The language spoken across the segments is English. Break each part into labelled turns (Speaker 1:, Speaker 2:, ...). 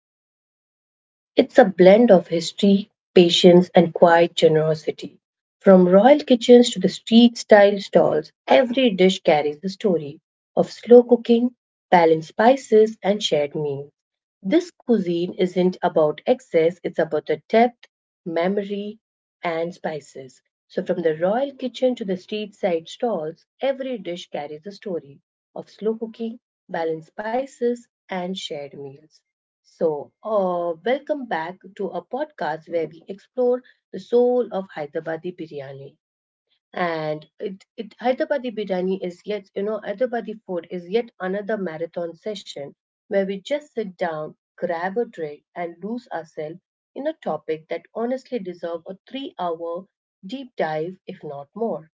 Speaker 1: just a biryani. It's a blend of history, patience, and quiet generosity. From royal kitchens to the street style stalls, every dish carries the story of slow cooking, balanced spices, and shared meals. This cuisine isn't about excess, it's about the depth, memory, and spices. So, from the royal kitchen to the street side stalls, every dish carries a story of slow cooking, balanced spices, and shared meals. So, welcome back to a podcast where we explore the soul of Hyderabadi biryani. And it Hyderabadi biryani is yet, Hyderabadi food is yet another marathon session where we just sit down, grab a drink, and lose ourselves in a topic that honestly deserves a 3-hour deep dive, if not more.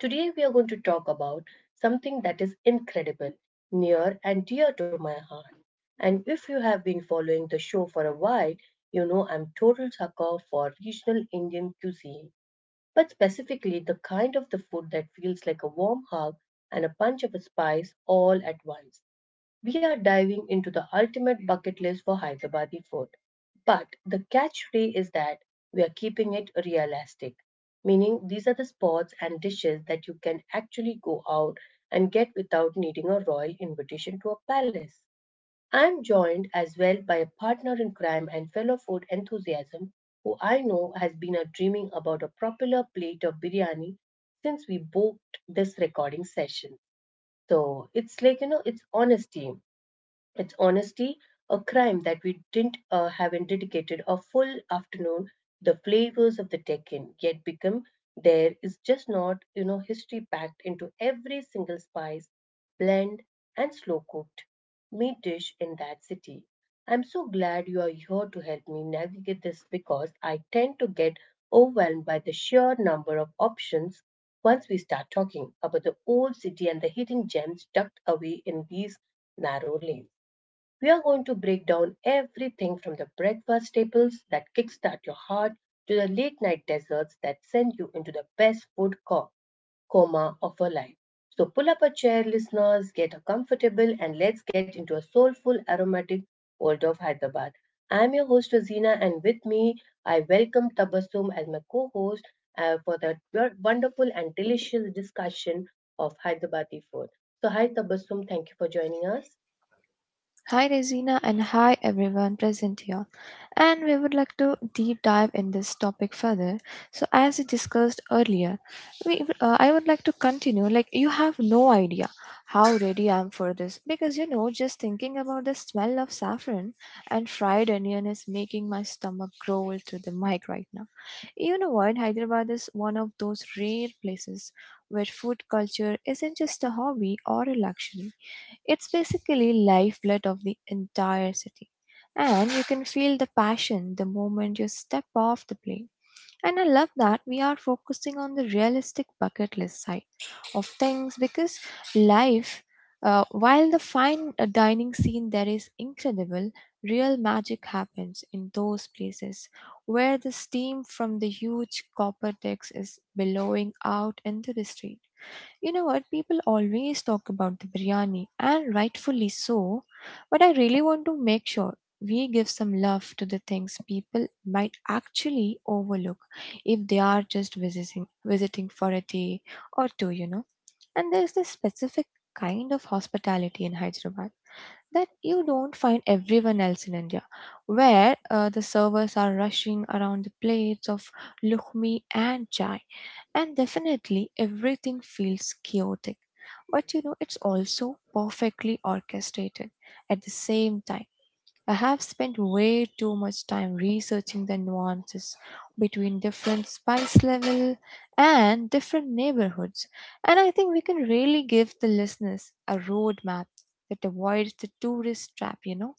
Speaker 1: Today we are going to talk about something that is incredible, near and dear to my heart. And if you have been following the show for a while, you know I'm total sucker for regional Indian cuisine, but specifically the kind of the food that feels like a warm hug and a punch of a spice all at once. We are diving into the ultimate bucket list for Hyderabadi food. But the catchphrase is that we are keeping it realistic, meaning these are the spots and dishes that you can actually go out and get without needing a royal invitation to a palace. I'm joined as well by a partner in crime and fellow food enthusiast who I know has been a dreaming about a popular plate of biryani since we booked this recording session. So it's like, it's honesty. It's honestly a crime that we didn't haven't dedicated a full afternoon the flavors of the Deccan yet become there is just not, you know, history packed into every single spice blend and slow cooked meat dish in that city. I'm so glad you are here to help me navigate this because I tend to get overwhelmed by the sheer number of options once we start talking about the old city and the hidden gems tucked away in these narrow lanes. We are going to break down everything from the breakfast staples that kickstart your heart to the late night desserts that send you into the best coma of your life. So pull up a chair, listeners, get a comfortable, and let's get into a soulful, aromatic world of Hyderabad. I'm your host, Rosina, and with me, I welcome Tabassum as my co host for that wonderful and delicious discussion of Hyderabadi food. So, hi, Tabassum, thank you for joining us.
Speaker 2: Hi Resina and hi everyone present here. And we would like to deep dive in this topic further. So as we discussed earlier, I would like to continue. Like, you have no idea how ready I am for this, because you know, just thinking about the smell of saffron and fried onion is making my stomach growl to the mic right now. You know what, Hyderabad is one of those rare places where food culture isn't just a hobby or a luxury, it's basically lifeblood of the entire city. And you can feel the passion the moment you step off the plane. And I love that we are focusing on the realistic bucket list side of things, because life, while the fine dining scene there is incredible, real magic happens in those places where the steam from the huge copper decks is billowing out into the street. You know what? People always talk about the biryani, and rightfully so, but I really want to make sure we give some love to the things people might actually overlook if they are just visiting for a day or two, you know. And there's this specific kind of hospitality in Hyderabad that you don't find everyone else in India, where the servers are rushing around the plates of lukhmi and chai, and definitely everything feels chaotic. But you know, it's also perfectly orchestrated at the same time. I have spent way too much time researching the nuances between different spice level and different neighborhoods, and I think we can really give the listeners a roadmap that avoids the tourist trap, you know.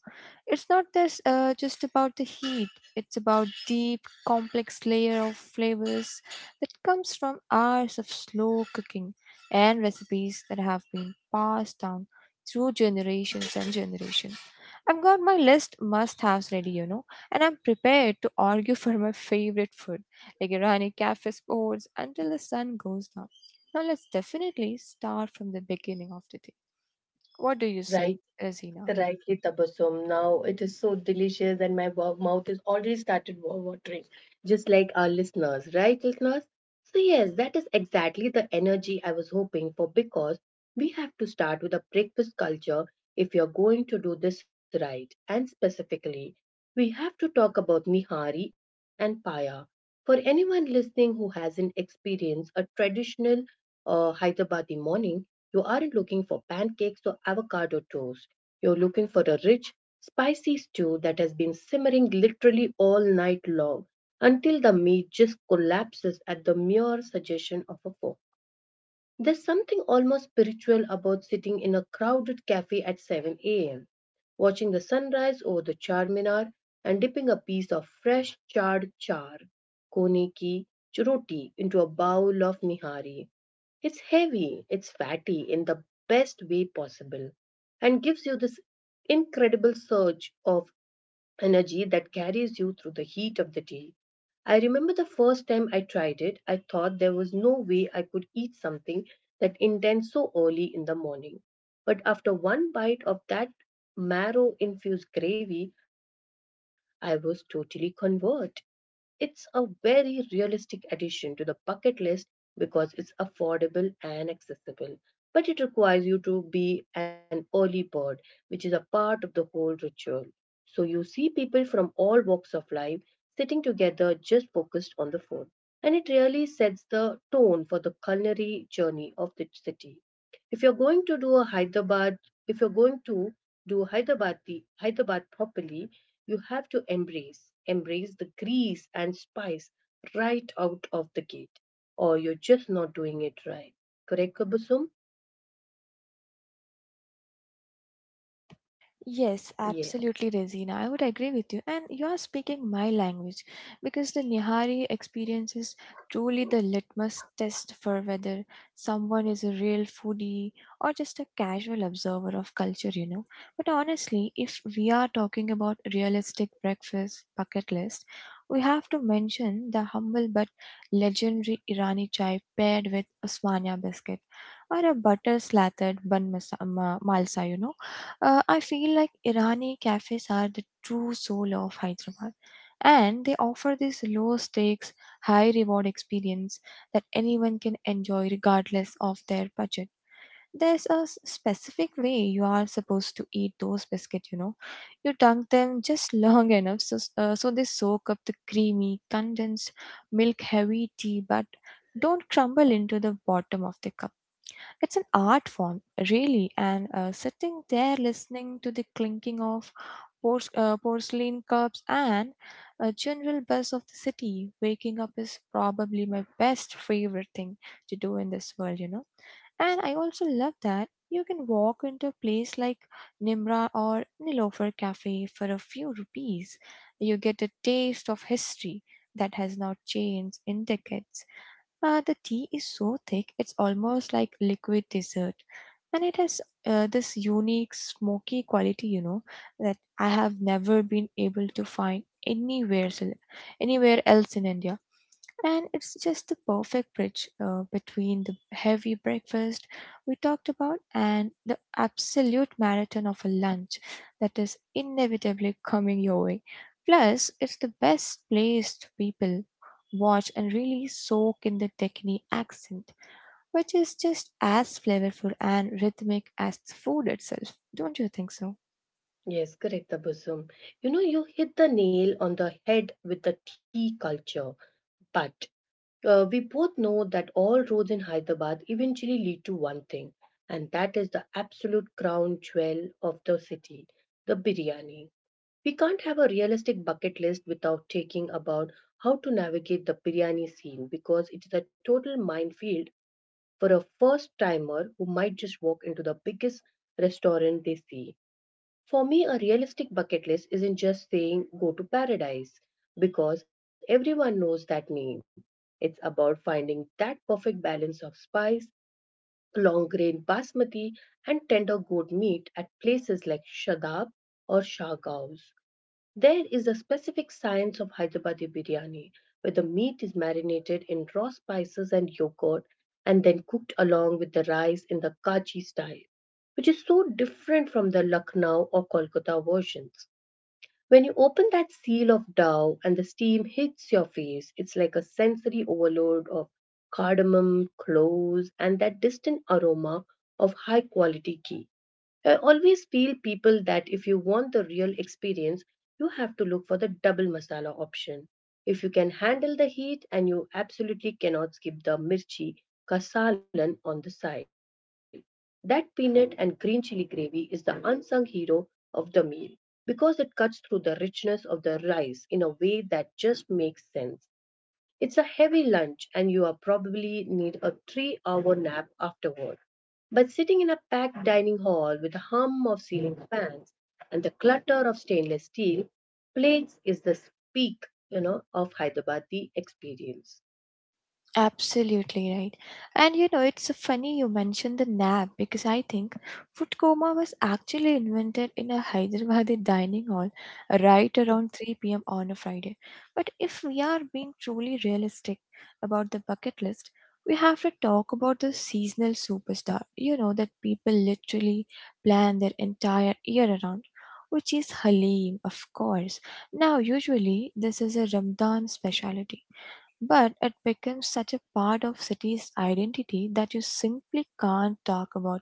Speaker 2: It's not this just about the heat. It's about deep, complex layer of flavors that comes from hours of slow cooking and recipes that have been passed down through generations and generations. I've got my list must-haves ready, you know, and I'm prepared to argue for my favorite food, like Irani cafe sports, until the sun goes down. Now let's definitely start from the beginning of the day. What do you say,
Speaker 1: Right.
Speaker 2: Azina?
Speaker 1: Rightly, Tabassum. Now it is so delicious, and my mouth is already started watering, just like our listeners, right, listeners? So, yes, that is exactly the energy I was hoping for because we have to start with a breakfast culture if you're going to do this right. And specifically, we have to talk about Nihari and Paya. For anyone listening who hasn't experienced a traditional Hyderabadi morning, you aren't looking for pancakes or avocado toast, you're looking for a rich, spicy stew that has been simmering literally all night long until the meat just collapses at the mere suggestion of a fork. There's something almost spiritual about sitting in a crowded cafe at 7 a.m., watching the sunrise over the Charminar and dipping a piece of fresh charred char, kone ki, roti into a bowl of nihari. It's heavy, it's fatty in the best way possible, and gives you this incredible surge of energy that carries you through the heat of the day. I remember the first time I tried it, I thought there was no way I could eat something that intense so early in the morning. But after one bite of that marrow infused gravy, I was totally converted. It's a very realistic addition to the bucket list because it's affordable and accessible. But it requires you to be an early bird, which is a part of the whole ritual. So you see people from all walks of life sitting together just focused on the food. And it really sets the tone for the culinary journey of the city. If you're going to do a Hyderabad, if you're going to do Hyderabadi, Hyderabad properly, you have to embrace the grease and spice right out of the gate, or you're just not doing it right. Correct, Kabusum?
Speaker 2: Yes,
Speaker 1: Yeah.
Speaker 2: absolutely, Razina. I would agree with you. And you are speaking my language because the Nihari experience is truly the litmus test for whether someone is a real foodie or just a casual observer of culture, you know. But honestly, if we are talking about realistic breakfast bucket list, we have to mention the humble but legendary Irani chai paired with Osmania biscuit or a butter slathered bun malsa, you know. I feel like Irani cafes are the true soul of Hyderabad, and they offer this low stakes, high reward experience that anyone can enjoy regardless of their budget. There's a specific way you are supposed to eat those biscuits, you know. You dunk them just long enough so they soak up the creamy, condensed, milk heavy tea but don't crumble into the bottom of the cup. It's an art form, really, and sitting there listening to the clinking of porcelain cups and a general buzz of the city, waking up is probably my best favorite thing to do in this world, you know. And I also love that you can walk into a place like Nimra or Nilofer Cafe for a few rupees. You get a taste of history that has not changed in decades. The tea is so thick, it's almost like liquid dessert. And it has this unique smoky quality, you know, that I have never been able to find anywhere else in India. And it's just the perfect bridge between the heavy breakfast we talked about and the absolute marathon of a lunch that is inevitably coming your way. Plus, it's the best place to people watch and really soak in the Deccani accent, which is just as flavorful and rhythmic as the food itself. Don't you think so?
Speaker 1: Yes, correct, Kabusum. You know, you hit the nail on the head with the tea culture, but we both know that all roads in Hyderabad eventually lead to one thing, and that is the absolute crown jewel of the city, the biryani. We can't have a realistic bucket list without taking about how to navigate the biryani scene because it's a total minefield for a first timer who might just walk into the biggest restaurant they see. For me, a realistic bucket list isn't just saying go to paradise because everyone knows that name. It's about finding that perfect balance of spice, long grain basmati, and tender goat meat at places like Shadab or Shah Gao's. There is a specific science of Hyderabadi biryani where the meat is marinated in raw spices and yogurt and then cooked along with the rice in the Kachi style, which is so different from the Lucknow or Kolkata versions. When you open that seal of dough and the steam hits your face, it's like a sensory overload of cardamom, cloves, and that distant aroma of high quality ghee. I always feel people that if you want the real experience, you have to look for the double masala option. If you can handle the heat and you absolutely cannot skip the mirchi ka salan on the side. That peanut and green chili gravy is the unsung hero of the meal because it cuts through the richness of the rice in a way that just makes sense. It's a heavy lunch, and you are probably need a 3-hour nap afterward. But sitting in a packed dining hall with the hum of ceiling fans and the clutter of stainless steel plates is the peak, you know, of Hyderabadi experience.
Speaker 2: Absolutely right. And you know, it's so funny you mentioned the nap because I think food coma was actually invented in a Hyderabad dining hall right around 3 p.m. on a Friday. But if we are being truly realistic about the bucket list, we have to talk about the seasonal superstar, you know, that people literally plan their entire year around. Which is Halim, of course. Now, usually, this is a Ramadan specialty, but it becomes such a part of city's identity that you simply can't talk about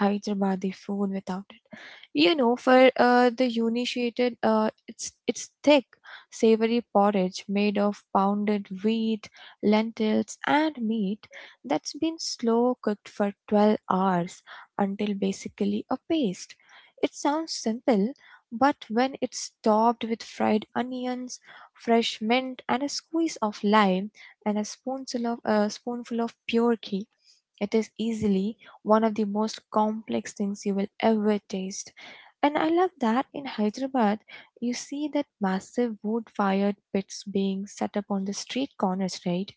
Speaker 2: Hyderabadi food without it. You know, for the uninitiated, it's thick, savory porridge made of pounded wheat, lentils, and meat that's been slow cooked for 12 hours until basically a paste. It sounds simple, but when it's topped with fried onions, fresh mint, and a squeeze of lime, and a spoonful of pure ghee. It is easily one of the most complex things you will ever taste. And I love that in Hyderabad, you see that massive wood fired pits being set up on the street corners, right?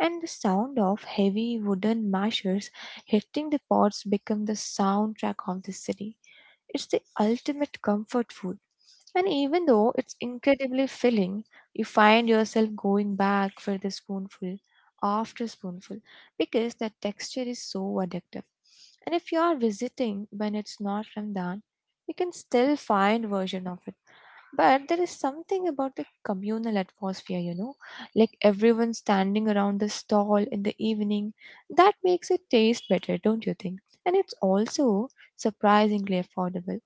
Speaker 2: And the sound of heavy wooden mashers hitting the pots become the soundtrack of the city. It's the ultimate comfort food. And even though it's incredibly filling, you find yourself going back for the spoonful after spoonful because that texture is so addictive. And if you are visiting when it's not Ramadan, you can still find version of it. But there is something about the communal atmosphere, you know, like everyone standing around the stall in the evening, that makes it taste better, don't you think? And it's also surprisingly affordable,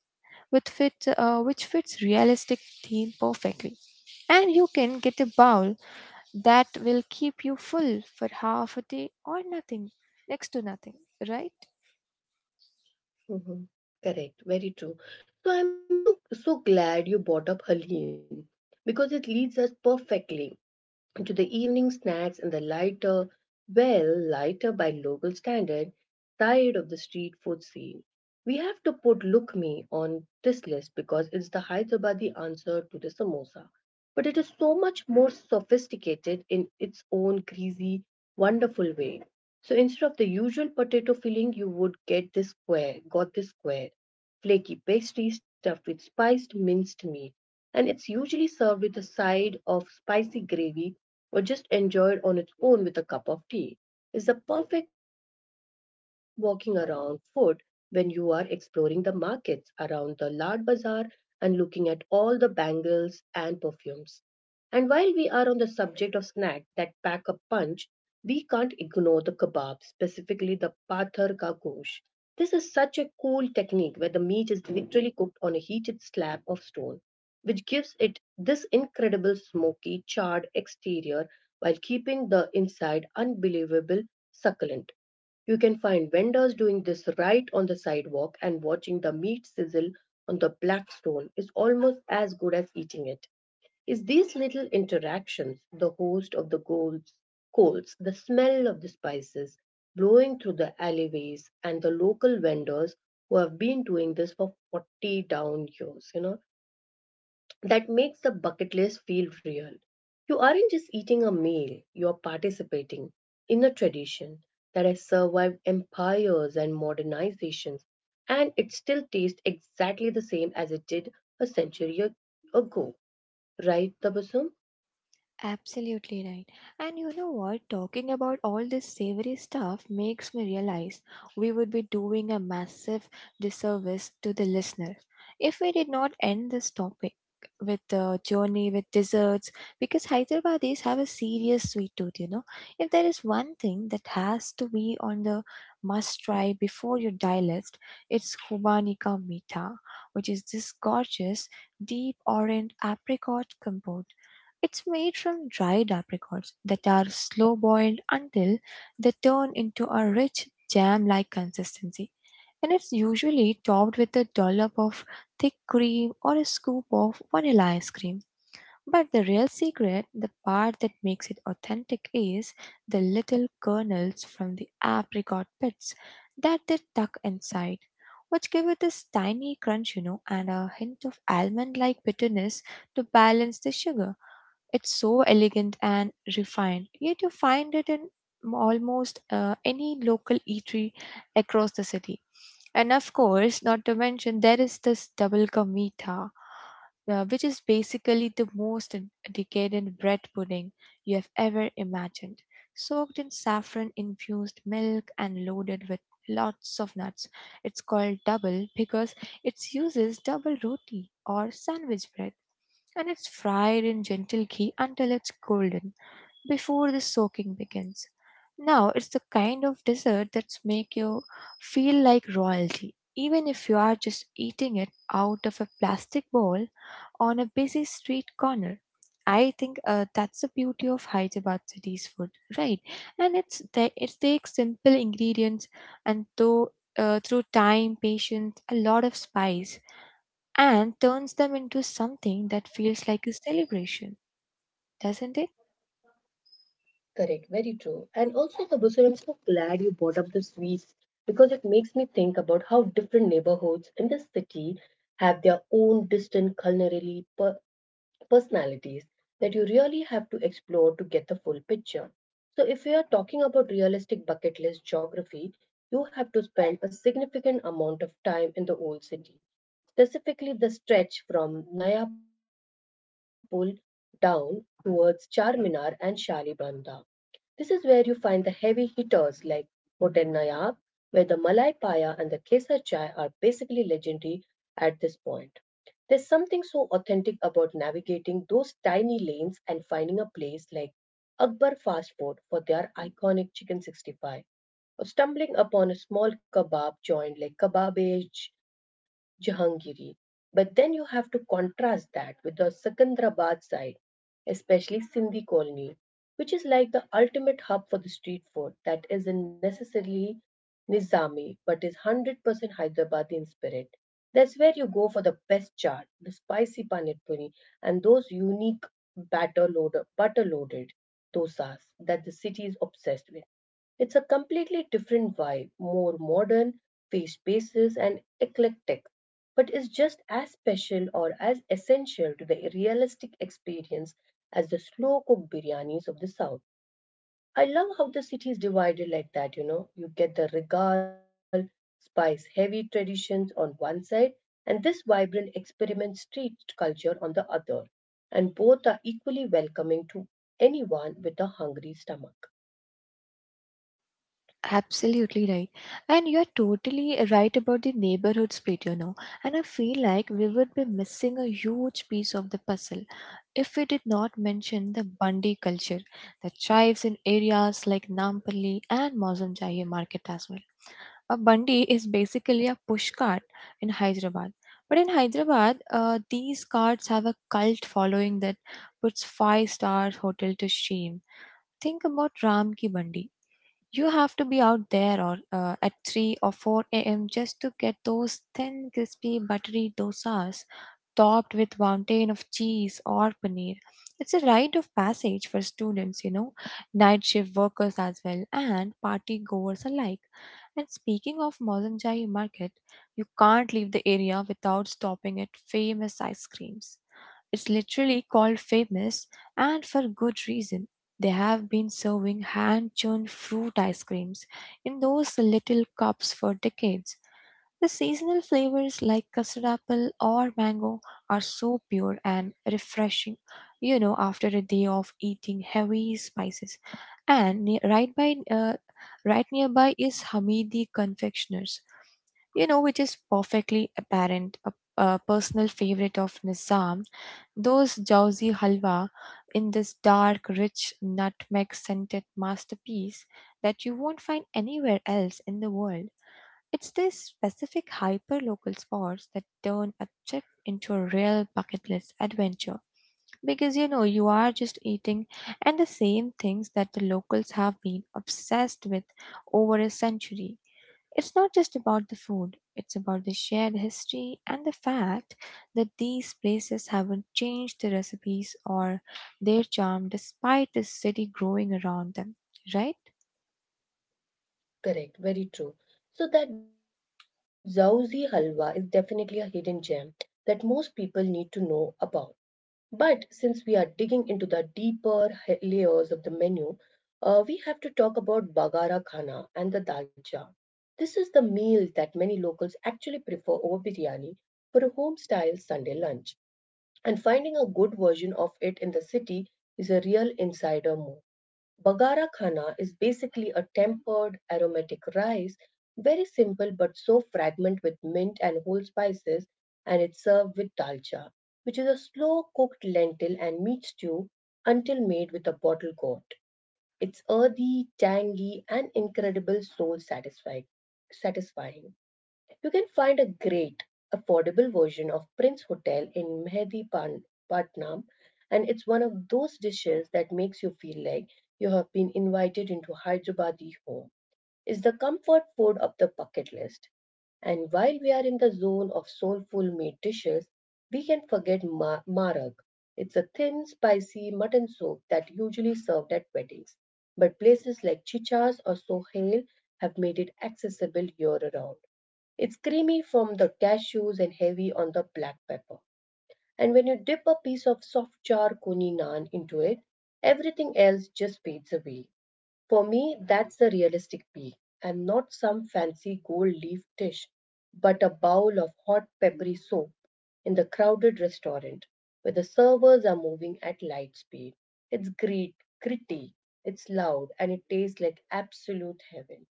Speaker 2: which fits realistic theme perfectly. And you can get a bowl that will keep you full for half a day or nothing, next to nothing, right?
Speaker 1: Mm-hmm. Correct, very true. So I'm, you know, so glad you brought up Halim because it leads us perfectly to the evening snacks and the lighter, well, lighter by local standard, side of the street food scene. We have to put Lukmi on this list because it's the Hyderabadi answer to the samosa. But it is so much more sophisticated in its own greasy, wonderful way. So instead of the usual potato filling, you would get got this square, flaky pastry stuffed with spiced minced meat. And it's usually served with a side of spicy gravy or just enjoyed on its own with a cup of tea, is the perfect walking around food when you are exploring the markets around the Lard Bazaar and looking at all the bangles and perfumes. And while we are on the subject of snacks that pack a punch, we can't ignore the kebab, specifically the pathar ka gosh. This is such a cool technique where the meat is literally cooked on a heated slab of stone which gives it this incredible smoky, charred exterior while keeping the inside unbelievable succulent. You can find vendors doing this right on the sidewalk, and watching the meat sizzle on the black stone is almost as good as eating it. It's these little interactions, the host of the coals, the smell of the spices blowing through the alleyways, and the local vendors who have been doing this for 40 down years, you know, that makes the bucket list feel real. You aren't just eating a meal, you're participating in a tradition that has survived empires and modernizations, and it still tastes exactly the same as it did a century ago. Right, Tabasum?
Speaker 2: Absolutely right. And you know what? Talking about all this savory stuff makes me realize we would be doing a massive disservice to the listener if we did not end this topic with the journey with desserts, because Hyderabadis have a serious sweet tooth, you know. If there is one thing that has to be on the must try before you die list, it's Khubani ka Meetha, which is this gorgeous deep orange apricot compote. It's made from dried apricots that are slow boiled until they turn into a rich jam like consistency. And it's usually topped with a dollop of thick cream or a scoop of vanilla ice cream. But the real secret, the part that makes it authentic, is the little kernels from the apricot pits that they tuck inside, which give it this tiny crunch, you know, and a hint of almond like bitterness to balance the sugar. It's so elegant and refined, yet you find it in almost any local eatery across the city. And of course, not to mention, there is this double ka meetha, which is basically the most decadent bread pudding you have ever imagined, soaked in saffron infused milk and loaded with lots of nuts. It's called double because it uses double roti or sandwich bread, and it's fried in gentle ghee until it's golden before the soaking begins. Now, it's the kind of dessert that's make you feel like royalty, even if you are just eating it out of a plastic bowl on a busy street corner. I think that's the beauty of Hyderabad city's food, right? And it takes simple ingredients and though through time, patience, a lot of spice, and turns them into something that feels like a celebration, doesn't it?
Speaker 1: Correct, very true. And also, Tabasum, I'm so glad you brought up the sweets because it makes me think about how different neighborhoods in the city have their own distinct culinary personalities that you really have to explore to get the full picture. So, if we are talking about realistic bucket list geography, you have to spend a significant amount of time in the old city, specifically the stretch from Nayapur down towards Charminar and Shalibanda. This is where you find the heavy hitters like Hotel Nayab, where the Malai Paya and the Kesar Chai are basically legendary at this point. There's something so authentic about navigating those tiny lanes and finding a place like Akbar Fast Food for their iconic chicken 65 stumbling upon a small kebab joint like kebabage Jahangiri. But then you have to contrast that with the Secunderabad side, especially Sindhi colony, which is like the ultimate hub for the street food that isn't necessarily Nizami but is 100% Hyderabad in spirit. That's where you go for the best chaat, the spicy panir puri, and those unique butter loaded dosas that the city is obsessed with. It's a completely different vibe, more modern, face spaces, and eclectic, but is just as special or as essential to the realistic experience as the slow cooked biryanis of the South. I love how the city is divided like that, you know. You get the regal, spice heavy traditions on one side, and this vibrant experiment street culture on the other, and both are equally welcoming to anyone with a hungry stomach.
Speaker 2: Absolutely right. And you're totally right about the neighborhood split, you know. And I feel like we would be missing a huge piece of the puzzle if we did not mention the Bundy culture that thrives in areas like Nampally and Mausamjaya market as well. A bandi is basically a push cart in Hyderabad. But in Hyderabad, these carts have a cult following that puts five-star hotel to shame. Think about Ram Ki Bandi. You have to be out there or at 3 or 4 a.m. just to get those thin, crispy, buttery dosas topped with mountain of cheese or paneer. It's a rite of passage for students, you know, night shift workers as well, and party goers alike. And speaking of Mozamjai Market, you can't leave the area without stopping at famous ice creams. It's literally called famous, and for good reason. They have been serving hand churned fruit ice creams in those little cups for decades. The seasonal flavors like custard apple or mango are so pure and refreshing, you know, after a day of eating heavy spices. And right nearby is Hamidi Confectioners, you know, which is perfectly apparent, a personal favorite of Nizam. Those Jauzi Halwa in this dark, rich, nutmeg scented masterpiece that you won't find anywhere else in the world. It's these specific hyper local spots that turn a trip into a real bucket list adventure. Because you know, you are just eating and the same things that the locals have been obsessed with over a century. It's not just about the food, it's about the shared history and the fact that these places haven't changed their recipes or their charm despite the city growing around them, right?
Speaker 1: Correct, very true. So that Zawzi halwa is definitely a hidden gem that most people need to know about. But since we are digging into the deeper layers of the menu, we have to talk about bagara khana and the dalcha. This is the meal that many locals actually prefer over biryani for a home style Sunday lunch. And finding a good version of it in the city is a real insider move. Bagara khana is basically a tempered aromatic rice, very simple but so fragrant with mint and whole spices, and it's served with dalcha, which is a slow cooked lentil and meat stew until made with a bottle gourd. It's earthy, tangy, and incredible soul satisfying. Satisfying. You can find a great, affordable version of Prince Hotel in Mehedipatnam, and it's one of those dishes that makes you feel like you have been invited into Hyderabadi home. It's the comfort food of the bucket list. And while we are in the zone of soulful meat dishes, we can forget marag. It's a thin, spicy mutton soup that usually served at weddings, but places like Chicha's or Sohail have made it accessible year round. It's creamy from the cashews and heavy on the black pepper. And when you dip a piece of soft char kuni naan into it, everything else just fades away. For me, that's the realistic peak, and not some fancy gold leaf dish, but a bowl of hot peppery soup in the crowded restaurant where the servers are moving at light speed. It's great, gritty, it's loud, and it tastes like absolute heaven.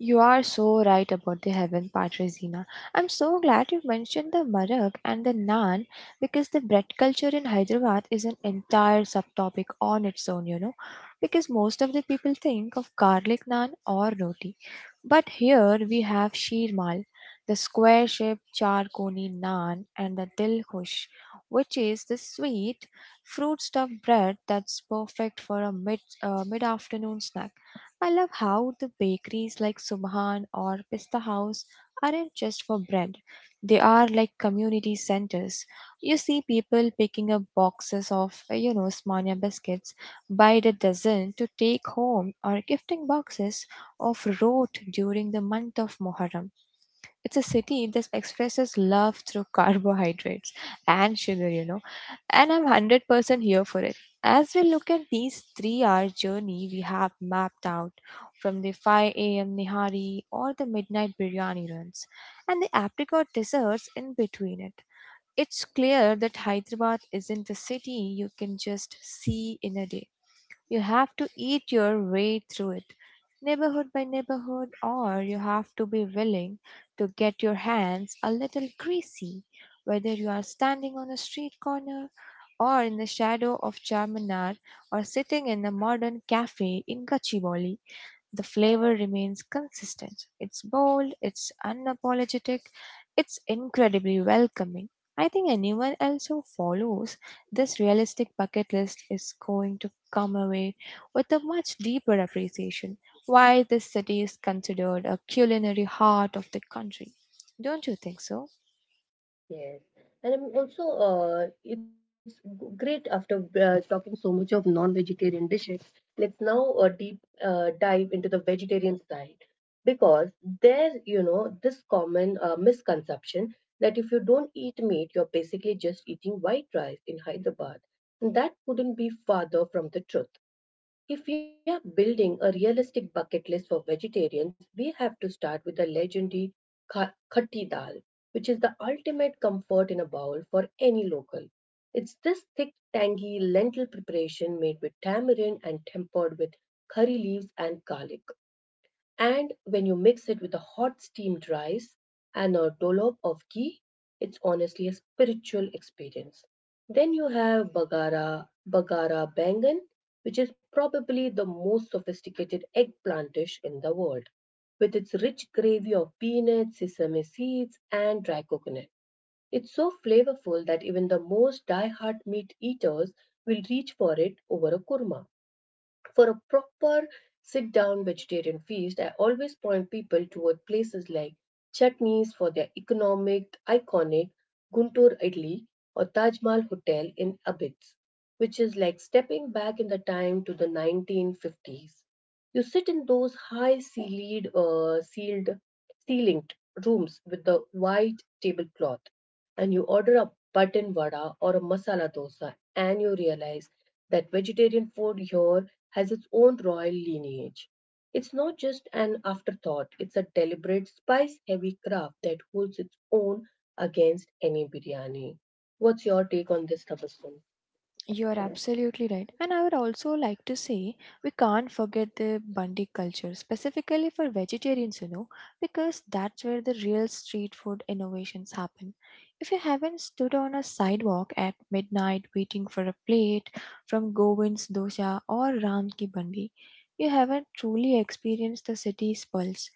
Speaker 2: You are so right about the heaven part, Regina. I'm so glad you mentioned the marag and the naan because the bread culture in Hyderabad is an entire subtopic on its own, you know. Because most of the people think of garlic naan or roti. But here we have sheermal, the square shaped charkoni naan, and the dilkhush, which is the sweet fruit stuffed bread that's perfect for a mid afternoon snack. I love how the bakeries like Subhan or Pista House aren't just for bread. They are like community centers. You see people picking up boxes of, Smania biscuits by the dozen to take home or gifting boxes of rot during the month of Muharram. It's a city that expresses love through carbohydrates and sugar, you know. And I'm 100% here for it. As we look at these 3 hour journey we have mapped out from the 5 a.m. Nihari or the midnight biryani runs and the apricot desserts in between it. It's clear that Hyderabad isn't a city you can just see in a day. You have to eat your way through it, neighborhood by neighborhood, or you have to be willing to get your hands a little greasy, whether you are standing on a street corner or in the shadow of Charminar or sitting in a modern cafe in Gachibowli. The flavor remains consistent. It's bold, it's unapologetic, it's incredibly welcoming. I think anyone else who follows this realistic bucket list is going to come away with a much deeper appreciation why this city is considered a culinary heart of the country. Don't you think so?
Speaker 1: Yes, and I'm also it's great after talking so much of non-vegetarian dishes. Let's now deep dive into the vegetarian side because there, you know, this common misconception that if you don't eat meat, you're basically just eating white rice in Hyderabad, and that couldn't be farther from the truth. If we are building a realistic bucket list for vegetarians, we have to start with the legendary khatti dal, which is the ultimate comfort in a bowl for any local. It's this thick, tangy lentil preparation made with tamarind and tempered with curry leaves and garlic. And when you mix it with a hot steamed rice and a dollop of ghee, it's honestly a spiritual experience. Then you have bagara bangan, which is probably the most sophisticated eggplant dish in the world, with its rich gravy of peanuts, sesame seeds, and dry coconut. It's so flavorful that even the most die-hard meat eaters will reach for it over a kurma. For a proper sit down vegetarian feast, I always point people toward places like Chutneys for their iconic Guntur Idli or Taj Mahal Hotel in Abitz, which is like stepping back in the time to the 1950s. You sit in those sealed, ceilinged rooms with the white tablecloth and you order a button vada or a masala dosa and you realize that vegetarian food here has its own royal lineage. It's not just an afterthought, it's a deliberate spice heavy craft that holds its own against any biryani. What's your take on this, Tabasum?
Speaker 2: You are absolutely right. And I would also like to say we can't forget the Bandi culture, specifically for vegetarians, you know, because that's where the real street food innovations happen. If you haven't stood on a sidewalk at midnight waiting for a plate from Govind's Dosa or Ram Ki Bandi, you haven't truly experienced the city's pulse.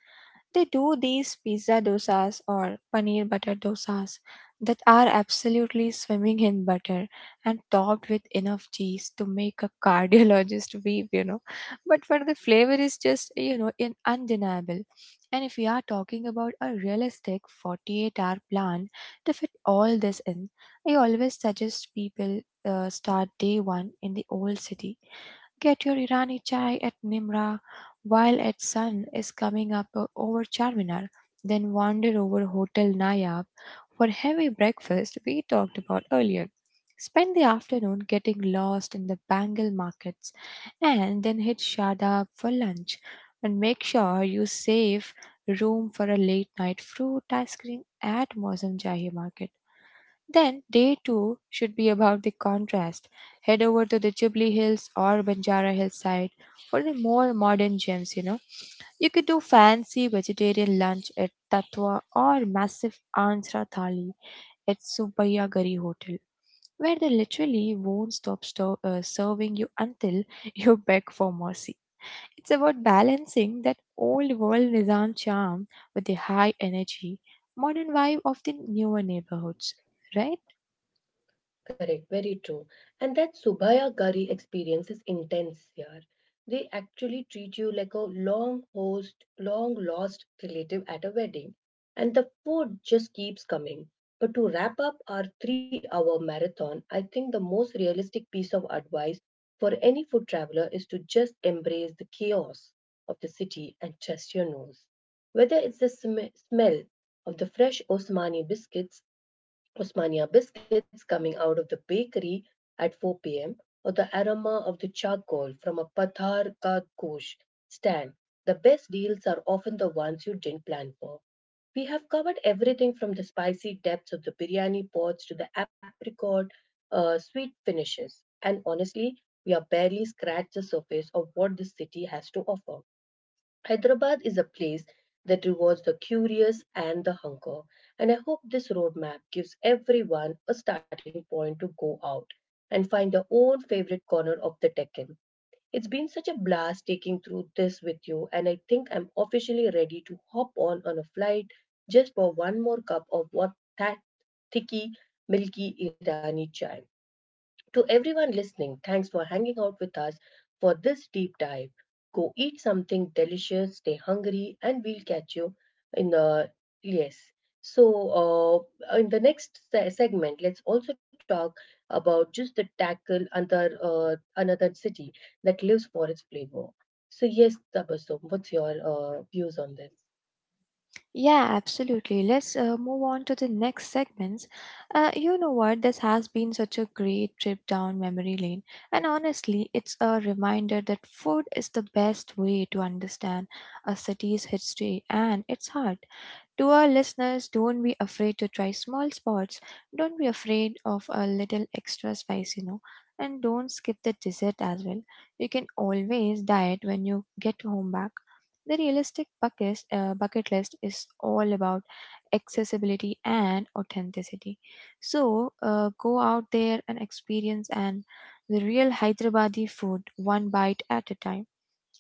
Speaker 2: They do these pizza dosas or paneer butter dosas that are absolutely swimming in butter and topped with enough cheese to make a cardiologist weep, you know. But for the flavor is just, you know, in undeniable. And if we are talking about a realistic 48-hour plan to fit all this in, I always suggest people start day one in the old city. Get your Irani chai at Nimra while its sun is coming up over Charminar, then wander over Hotel Nayab for heavy breakfast we talked about earlier. Spend the afternoon getting lost in the Bengal markets and then hit Shadab for lunch and make sure you save room for a late night fruit ice cream at Mosam Jahi market. Then, day two should be about the contrast. Head over to the Jubilee Hills or Banjara Hillside for the more modern gems, you know. You could do fancy vegetarian lunch at Tatwa or massive Andhra Thali at Subbaya Gari Hotel, where they literally won't serving you until you beg for mercy. It's about balancing that old world Nizam charm with the high energy, modern vibe of the newer neighborhoods, right?
Speaker 1: Correct, very true. And that Subhaya Gari experience is intense, yaar. They actually treat you like a long lost relative at a wedding. And the food just keeps coming. But to wrap up our 3 hour marathon, I think the most realistic piece of advice for any food traveler is to just embrace the chaos of the city and trust your nose. Whether it's the smell of the fresh Osmania biscuits coming out of the bakery at 4 p.m., or the aroma of the charcoal from a Pathar ka kosh stand. The best deals are often the ones you didn't plan for. We have covered everything from the spicy depths of the biryani pots to the apricot sweet finishes. And honestly, we have barely scratched the surface of what this city has to offer. Hyderabad is a place that rewards the curious and the hunker, and I hope this roadmap gives everyone a starting point to go out and find their own favorite corner of the Deccan. It's been such a blast taking through this with you, and I think I'm officially ready to hop on a flight just for one more cup of that thicky, milky Irani chai. To everyone listening, thanks for hanging out with us for this deep dive. Go eat something delicious, stay hungry, and we'll catch you in the yes. So, in the next segment, let's also talk about just the tackle under another city that lives for its flavor. So, yes, Tabasum, what's your views on this?
Speaker 2: Yeah, absolutely. Let's move on to the next segments. You know what? This has been such a great trip down memory lane. And honestly, it's a reminder that food is the best way to understand a city's history, and it's hard. To our listeners, don't be afraid to try small spots. Don't be afraid of a little extra spice, you know. And don't skip the dessert as well. You can always diet when you get home back. The realistic bucket list is all about accessibility and authenticity. So go out there and experience and the real Hyderabadi food one bite at a time.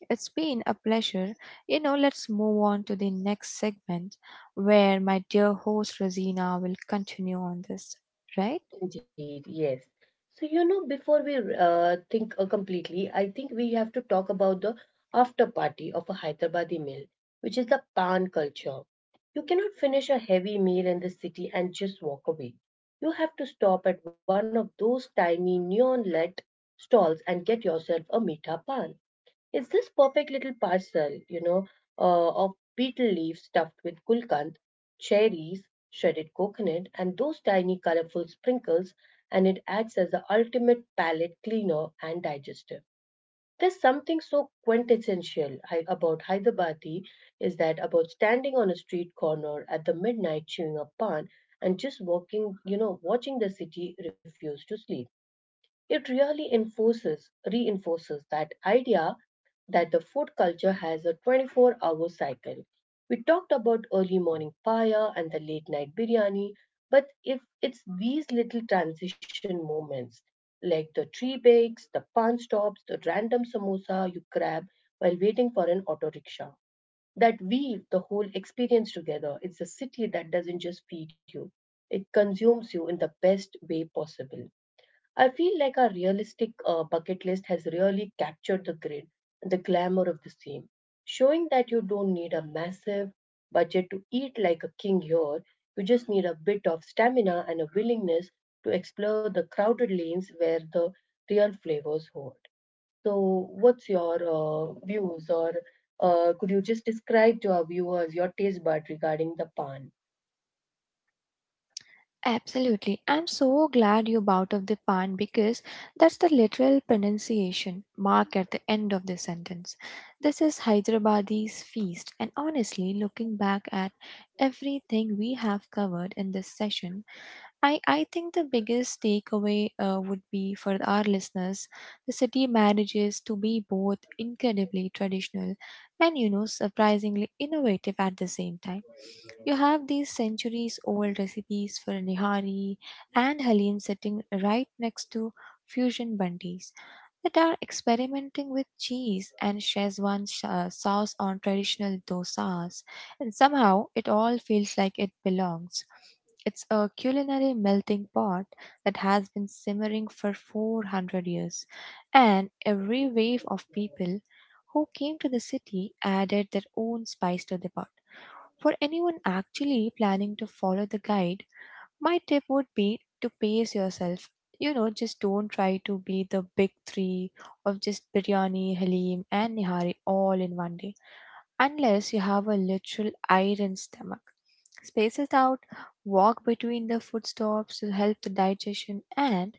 Speaker 2: It's been a pleasure. You know, let's move on to the next segment where my dear host Rosina will continue on this, right?
Speaker 1: Indeed, yes. So, you know, before we think completely, I think we have to talk about the after party of a Hyderabadi meal, which is the pan culture. You cannot finish a heavy meal in the city and just walk away. You have to stop at one of those tiny neon lit stalls and get yourself a meatha pan. It's this perfect little parcel, you know, of beetle leaves stuffed with gulkand, cherries, shredded coconut, and those tiny colorful sprinkles, and it acts as the ultimate palate cleaner and digester. There's something so quintessential about Hyderabadi is that about standing on a street corner at the midnight chewing a pan and just walking, you know, watching the city refuse to sleep. It really reinforces that idea that the food culture has a 24-hour cycle. We talked about early morning paya and the late night biryani, but if it's these little transition moments like the tree bakes, the pan stops, the random samosa you grab while waiting for an auto rickshaw that weave the whole experience together. It's a city that doesn't just feed you, it consumes you in the best way possible. I feel like our realistic bucket list has really captured the grid and the glamour of the scene, showing that you don't need a massive budget to eat like a king here. You just need a bit of stamina and a willingness to explore the crowded lanes where the real flavors hoard. So, what's your views, or could you just describe to our viewers your taste bud regarding the pan?
Speaker 2: Absolutely. I'm so glad you brought up the pan because that's the literal pronunciation mark at the end of the sentence. This is Hyderabadi's feast, and honestly, looking back at everything we have covered in this session, I think the biggest takeaway would be for our listeners the city manages to be both incredibly traditional and, you know, surprisingly innovative at the same time. You have these centuries old recipes for Nihari and Halim sitting right next to fusion bundis that are experimenting with cheese and sauce on traditional dosas, and somehow it all feels like it belongs. It's a culinary melting pot that has been simmering for 400 years, and every wave of people who came to the city added their own spice to the pot. For anyone actually planning to follow the guide, my tip would be to pace yourself. You know, just don't try to be the big three of just biryani, halim, and nihari all in one day unless you have a literal iron stomach. Space it out, walk between the food stops to help the digestion, and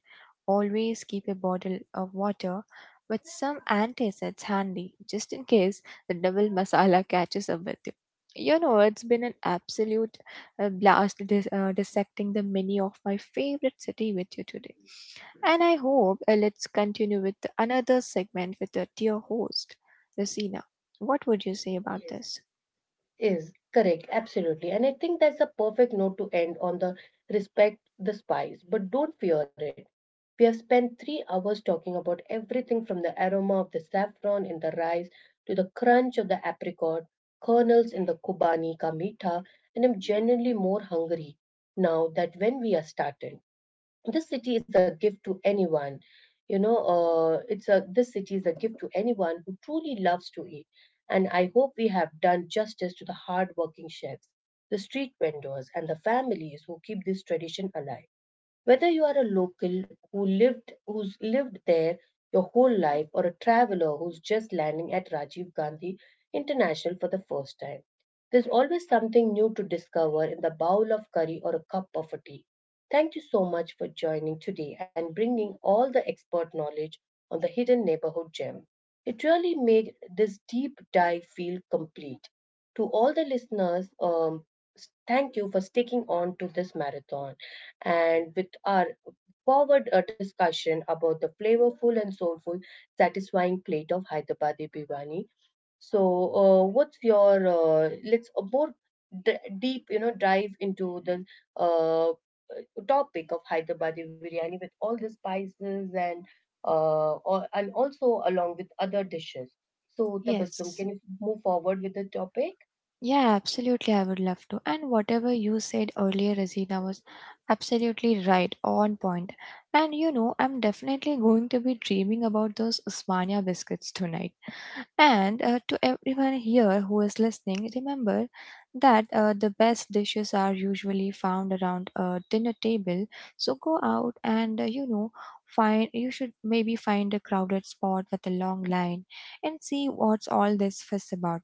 Speaker 2: always keep a bottle of water with some antacids handy just in case the double masala catches up with you. You know, it's been an absolute blast dissecting the menu of my favorite city with you today. And I hope let's continue with another segment with the dear host, Lucina. What would you say about
Speaker 1: Yes.
Speaker 2: this?
Speaker 1: Is correct, absolutely. And I think that's a perfect note to end on the respect the spice, but don't fear it. We have spent 3 hours talking about everything from the aroma of the saffron in the rice to the crunch of the apricot, kernels in the Kobani ka mitha, and I'm genuinely more hungry now that when we are started. This city is a gift to anyone, you know, it's a this city is a gift to anyone who truly loves to eat, and I hope we have done justice to the hardworking chefs, the street vendors, and the families who keep this tradition alive. Whether you are a local who's lived there your whole life, or a traveler who's just landing at Rajiv Gandhi International for the first time, there's always something new to discover in the bowl of curry or a cup of a tea. Thank you so much for joining today and bringing all the expert knowledge on the hidden neighborhood gem. It really made this deep dive feel complete. To all the listeners, thank you for sticking on to this marathon and with our forward discussion about the flavorful and soulful, satisfying plate of Hyderabadi biryani. So, what's your let's more deep, you know, dive into the uh, topic of Hyderabadi biryani with all the spices and also along with other dishes. So, Tabassum,
Speaker 2: Yes.
Speaker 1: can you move forward with the topic?
Speaker 2: Yeah, absolutely. I would love to. And whatever you said earlier, Rosina, was absolutely right, on point. And you know, I'm definitely going to be dreaming about those Usmania biscuits tonight. And to everyone here who is listening, remember that the best dishes are usually found around a dinner table. So go out and, you know, find you should maybe find a crowded spot with a long line and see what's all this fuss about.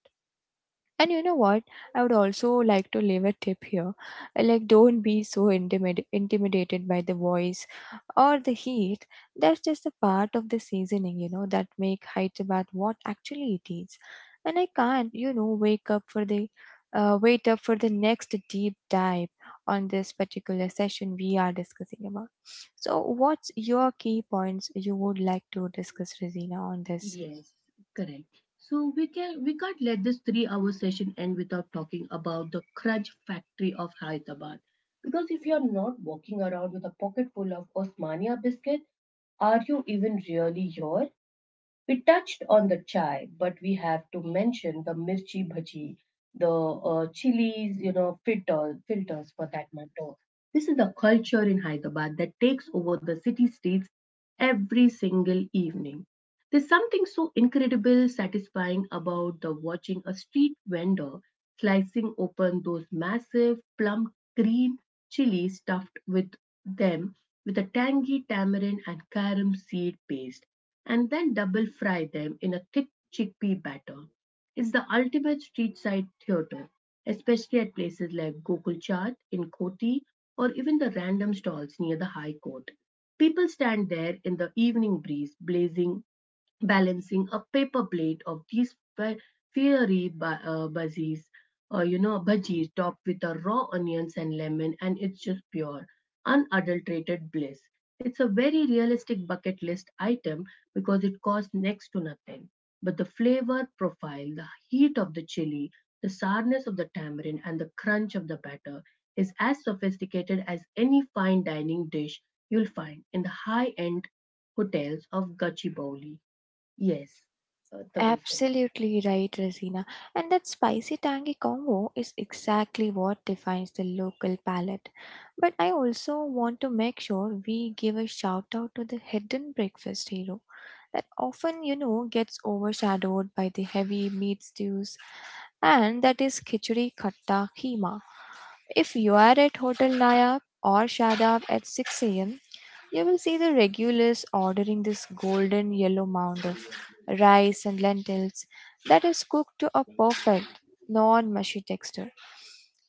Speaker 2: And you know what? I would also like to leave a tip here. Like, don't be so intimidated by the voice or the heat. That's just a part of the seasoning, you know, that make Hyderabad what actually it is. And I can't, you know, wake up for wait up for the next deep dive on this particular session we are discussing about. So, what's your key points you would like to discuss, Rosina, on this?
Speaker 1: Yes, correct. So we can't let this three-hour session end without talking about the crutch factory of Hyderabad. Because if you're not walking around with a pocket full of Osmania biscuit, are you even really here? We touched on the chai, but we have to mention the mirchi bhaji, the chilies, you know, filters for that matter. This is a culture in Hyderabad that takes over the city streets every single evening. There's something so incredible, satisfying about the watching a street vendor slicing open those massive plum green chili stuffed with them with a tangy tamarind and carom seed paste, and then double fry them in a thick chickpea batter. It's the ultimate street side theater, especially at places like Gokul Chat in Koti or even the random stalls near the High Court. People stand there in the evening breeze, blazing balancing a paper plate of these fiery buzzies, bhajis topped with a raw onions and lemon, and it's just pure, unadulterated bliss. It's a very realistic bucket list item because it costs next to nothing. But the flavor profile, the heat of the chili, the sourness of the tamarind, and the crunch of the batter is as sophisticated as any fine dining dish you'll find in the high end hotels of Gachibowli. Yes, Tabasum.
Speaker 2: Absolutely right, Rosina. And that spicy tangy combo is exactly what defines the local palate. But I also want to make sure we give a shout out to the hidden breakfast hero that often, you know, gets overshadowed by the heavy meat stews, and that is khichdi khatta keema. If you are at Hotel Nayab or Shadab at 6 a.m., you will see the regulars ordering this golden yellow mound of rice and lentils that is cooked to a perfect non-mushy texture.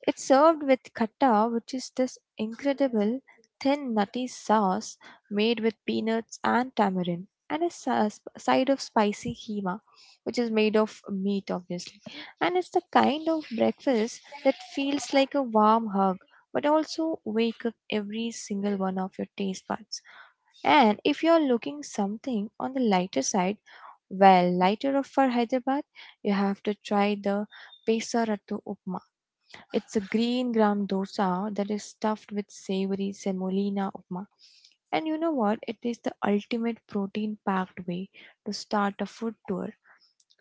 Speaker 2: It's served with khatta, which is this incredible thin nutty sauce made with peanuts and tamarind, and a side of spicy keema, which is made of meat, obviously. And it's the kind of breakfast that feels like a warm hug, but also wake up every single one of your taste buds. And if you're looking something on the lighter side, well, lighter of for Hyderabad, you have to try the Pesarattu Upma. It's a green gram dosa that is stuffed with savory semolina upma. And you know what? It is the ultimate protein packed way to start a food tour.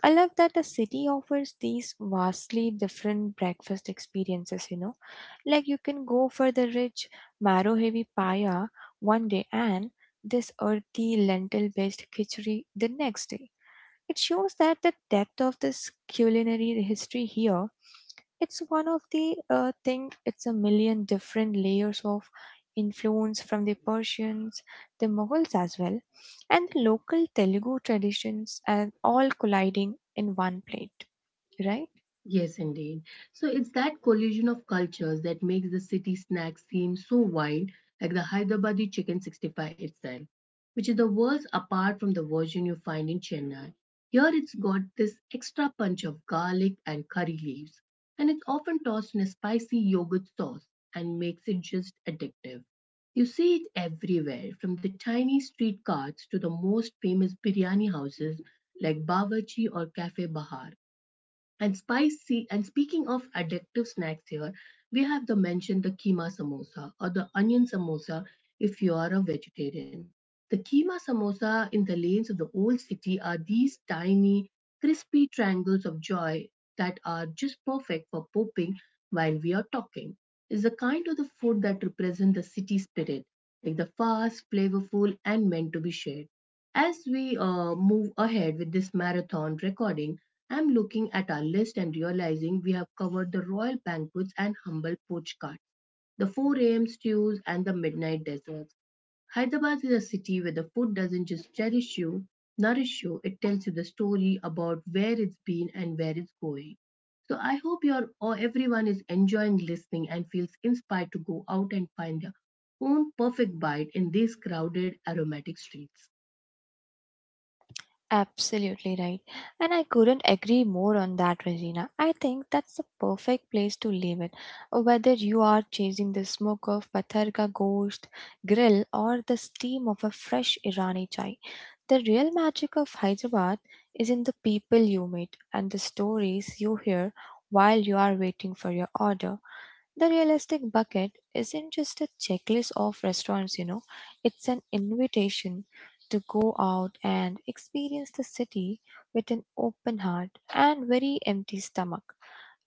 Speaker 2: I love that the city offers these vastly different breakfast experiences, you know. Like you can go for the rich marrow heavy paya one day and this earthy lentil based khichdi the next day. It shows that the depth of this culinary history here. It's one of the thing. It's a million different layers of influence from the Persians, the Mughals as well, and the local Telugu traditions, and all colliding in one plate. Right?
Speaker 1: Yes, indeed. So it's that collision of cultures that makes the city snack seem so wild, like the Hyderabadi chicken 65 itself, which is the world's apart from the version you find in Chennai. Here it's got this extra punch of garlic and curry leaves, and it's often tossed in a spicy yogurt sauce and makes it just addictive. You see it everywhere, from the tiny street carts to the most famous biryani houses like Bawarchi or Cafe Bahar. And spicy, and speaking of addictive snacks here, we have the mention the keema samosa or the onion samosa if you are a vegetarian. The keema samosa in the lanes of the old city are these tiny, crispy triangles of joy that are just perfect for popping while we are talking. It's the kind of the food that represents the city spirit, like the fast, flavorful, and meant to be shared. As we move ahead with this marathon recording, I'm looking at our list and realizing we have covered the royal banquets and humble poach carts, the 4 a.m. stews and the midnight desserts. Hyderabad is a city where the food doesn't just cherish you, nourish you, it tells you the story about where it's been and where it's going. So I hope you're or everyone is enjoying listening and feels inspired to go out and find their own perfect bite in these crowded aromatic streets.
Speaker 2: Absolutely right. And I couldn't agree more on that, Regina. I think that's the perfect place to leave it. Whether you are chasing the smoke of Patharka Ghost Grill or the steam of a fresh Irani chai, the real magic of Hyderabad is in the people you meet and the stories you hear while you are waiting for your order. The realistic bucket isn't just a checklist of restaurants, you know, it's an invitation to go out and experience the city with an open heart and very empty stomach.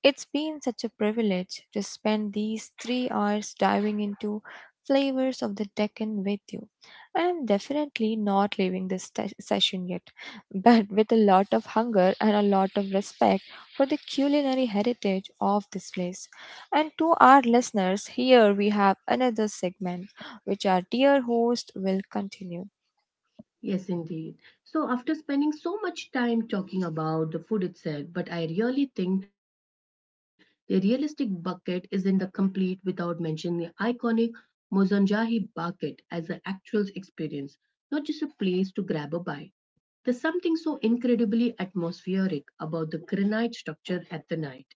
Speaker 2: It's been such a privilege to spend these 3 hours diving into flavors of the Deccan with you. And I'm definitely not leaving this session yet, but with a lot of hunger and a lot of respect for the culinary heritage of this place. And to our listeners, here we have another segment which our dear host will continue.
Speaker 1: Yes, indeed. So, after spending so much time talking about the food itself, but I really think the realistic bucket isn't the complete without mentioning the iconic Mozanjahi bucket as an actual experience, not just a place to grab a bite. There's something so incredibly atmospheric about the granite structure at the night,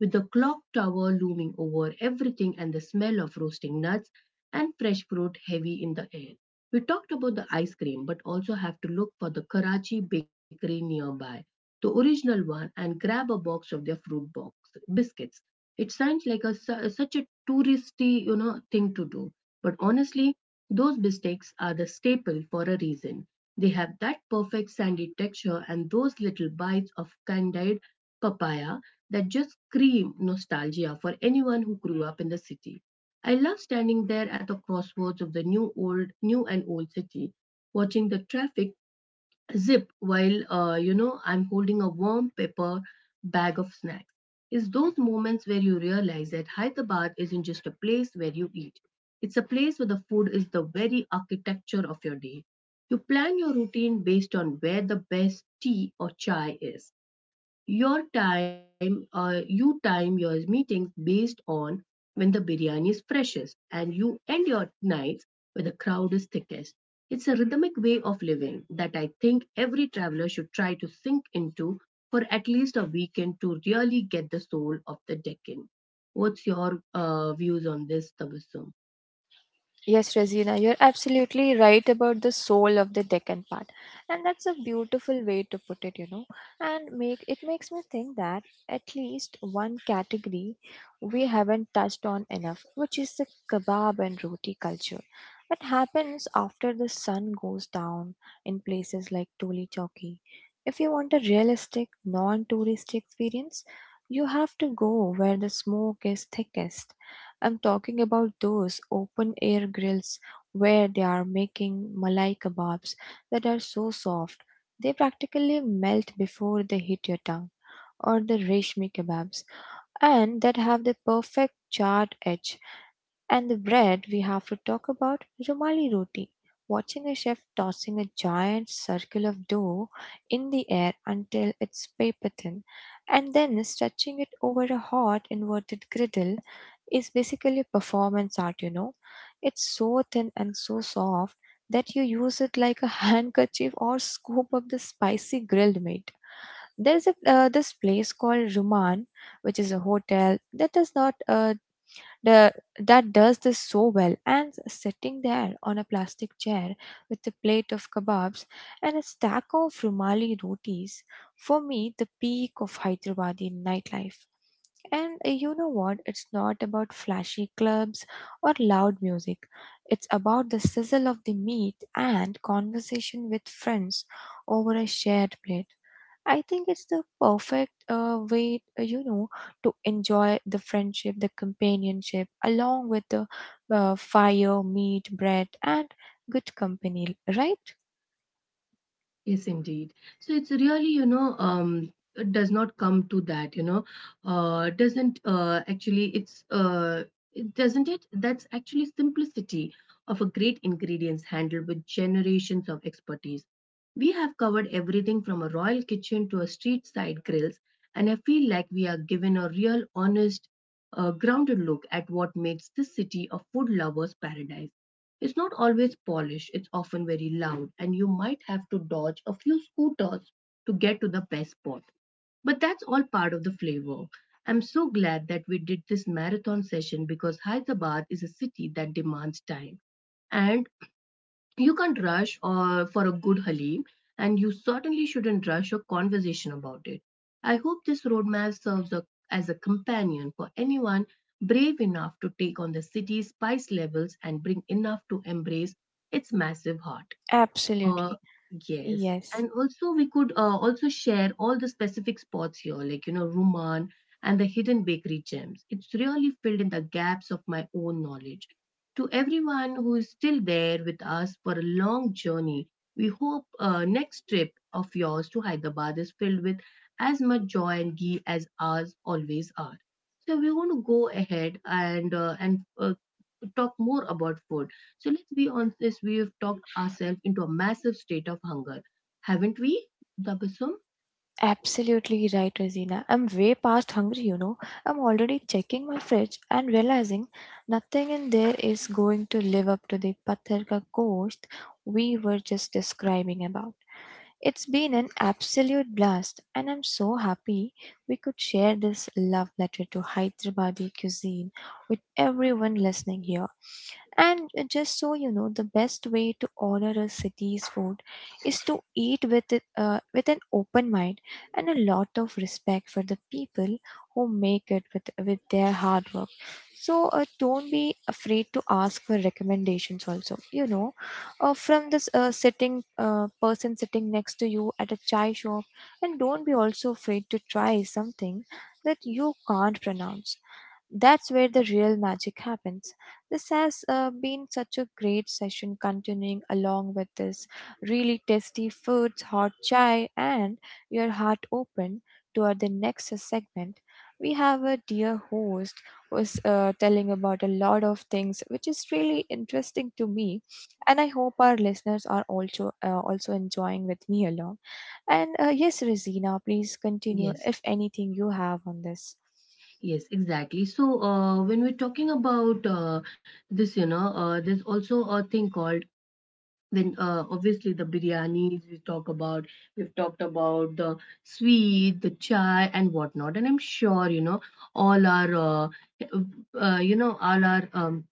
Speaker 1: with the clock tower looming over everything and the smell of roasting nuts and fresh fruit heavy in the air. We talked about the ice cream, but also have to look for the Karachi bakery nearby, the original one, and grab a box of their fruit box biscuits. It sounds like a such a touristy, you know, thing to do, but honestly, those biscuits are the staple for a reason. They have that perfect sandy texture and those little bites of candied papaya that just scream nostalgia for anyone who grew up in the city. I love standing there at the crossroads of the new old new and old city, watching the traffic zip while I'm holding a warm paper bag of snacks. It's those moments where you realize that Hyderabad isn't just a place where you eat. It's a place where the food is the very architecture of your day. You plan your routine based on where the best tea or chai is. You time your meetings based on when the biryani is freshest, and you end your nights where the crowd is thickest it's a rhythmic way of living that I think every traveler should try to sink into for at least a weekend to really get the soul of the Deccan. What's your views on this, Tabassum?
Speaker 2: Yes, Razina, you're absolutely right about the soul of the Deccan part. And that's a beautiful way to put it, you know. And make it makes me think that at least one category we haven't touched on enough, which is the kebab and roti culture. It happens after the sun goes down in places like Toli Chowki. If you want a realistic, non-touristy experience, you have to go where the smoke is thickest. I'm talking about those open air grills where they are making malai kebabs that are so soft they practically melt before they hit your tongue, or the reshmi kebabs, and that have the perfect charred edge. And the bread, we have to talk about Rumali roti. Watching a chef tossing a giant circle of dough in the air until it's paper thin and then stretching it over a hot inverted griddle is basically performance art, you know. It's so thin and so soft that you use it like a handkerchief or scoop up the spicy grilled meat. There's a this place called Ruman, which is a hotel that does not the, that does this so well. And sitting there on a plastic chair with a plate of kebabs and a stack of Rumali rotis, for me, the peak of Hyderabadi nightlife. And You know what? It's not about flashy clubs or loud music. It's about the sizzle of the meat and conversation with friends over a shared plate. I think it's the perfect way, to enjoy the friendship, the companionship, along with the fire, meat, bread, and good company, right?
Speaker 1: Yes, indeed. So it's really, you know, it does not come to that, you know, uh, doesn't uh, actually, it's, uh, doesn't it? That's actually simplicity of a great ingredients handled with generations of expertise. We have covered everything from a royal kitchen to a street side grills, and I feel like we are given a real, honest, grounded look at what makes this city a food lover's paradise. It's not always polished, it's often very loud, and you might have to dodge a few scooters to get to the best spot. But that's all part of the flavor. I'm so glad that we did this marathon session because Hyderabad is a city that demands time and you can't rush or for a good Halim, and you certainly shouldn't rush a conversation about it. I hope this roadmap serves a, as a companion for anyone brave enough to take on the city's spice levels and bring enough to embrace its massive heart. Uh,
Speaker 2: Absolutely.
Speaker 1: yes.
Speaker 2: Yes.
Speaker 1: And also, we could also share all the specific spots here, like, you know, Ruman and the hidden bakery gems. It's really filled in the gaps of my own knowledge. To everyone who is still there with us for a long journey, we hope next trip of yours to Hyderabad is filled with as much joy and ghee as ours always are. So we want to go ahead and talk more about food so let's be honest, we have talked ourselves into a massive state of hunger, haven't we, Dabasum?
Speaker 2: Absolutely right, Rosina. I'm way past hungry, you know. I'm already checking my fridge and realizing nothing in there is going to live up to the Pathar ka ghost we were just describing about. It's been an absolute blast, and I'm so happy we could share this love letter to Hyderabadi cuisine with everyone listening here. And Just so you know, the best way to honor a city's food is to eat with it, with an open mind and a lot of respect for the people who make it with their hard work. So don't be afraid to ask for recommendations. Also, you know, from this sitting person sitting next to you at a chai shop, and don't be also afraid to try something that you can't pronounce. That's where the real magic happens. This has been such a great session, continuing along with this really tasty foods, hot chai, and your heart open toward the next segment. We have a dear host was telling about a lot of things which is really interesting to me, and I hope our listeners are also also enjoying with me along. And Yes, Rosina, please continue
Speaker 1: Yes,
Speaker 2: if anything you have on this.
Speaker 1: yes, exactly. So when we're talking about this, you know, there's also a thing called when obviously the biryanis we talk about, we've talked about the sweet, the chai, and whatnot. And I'm sure you know all our, all our um,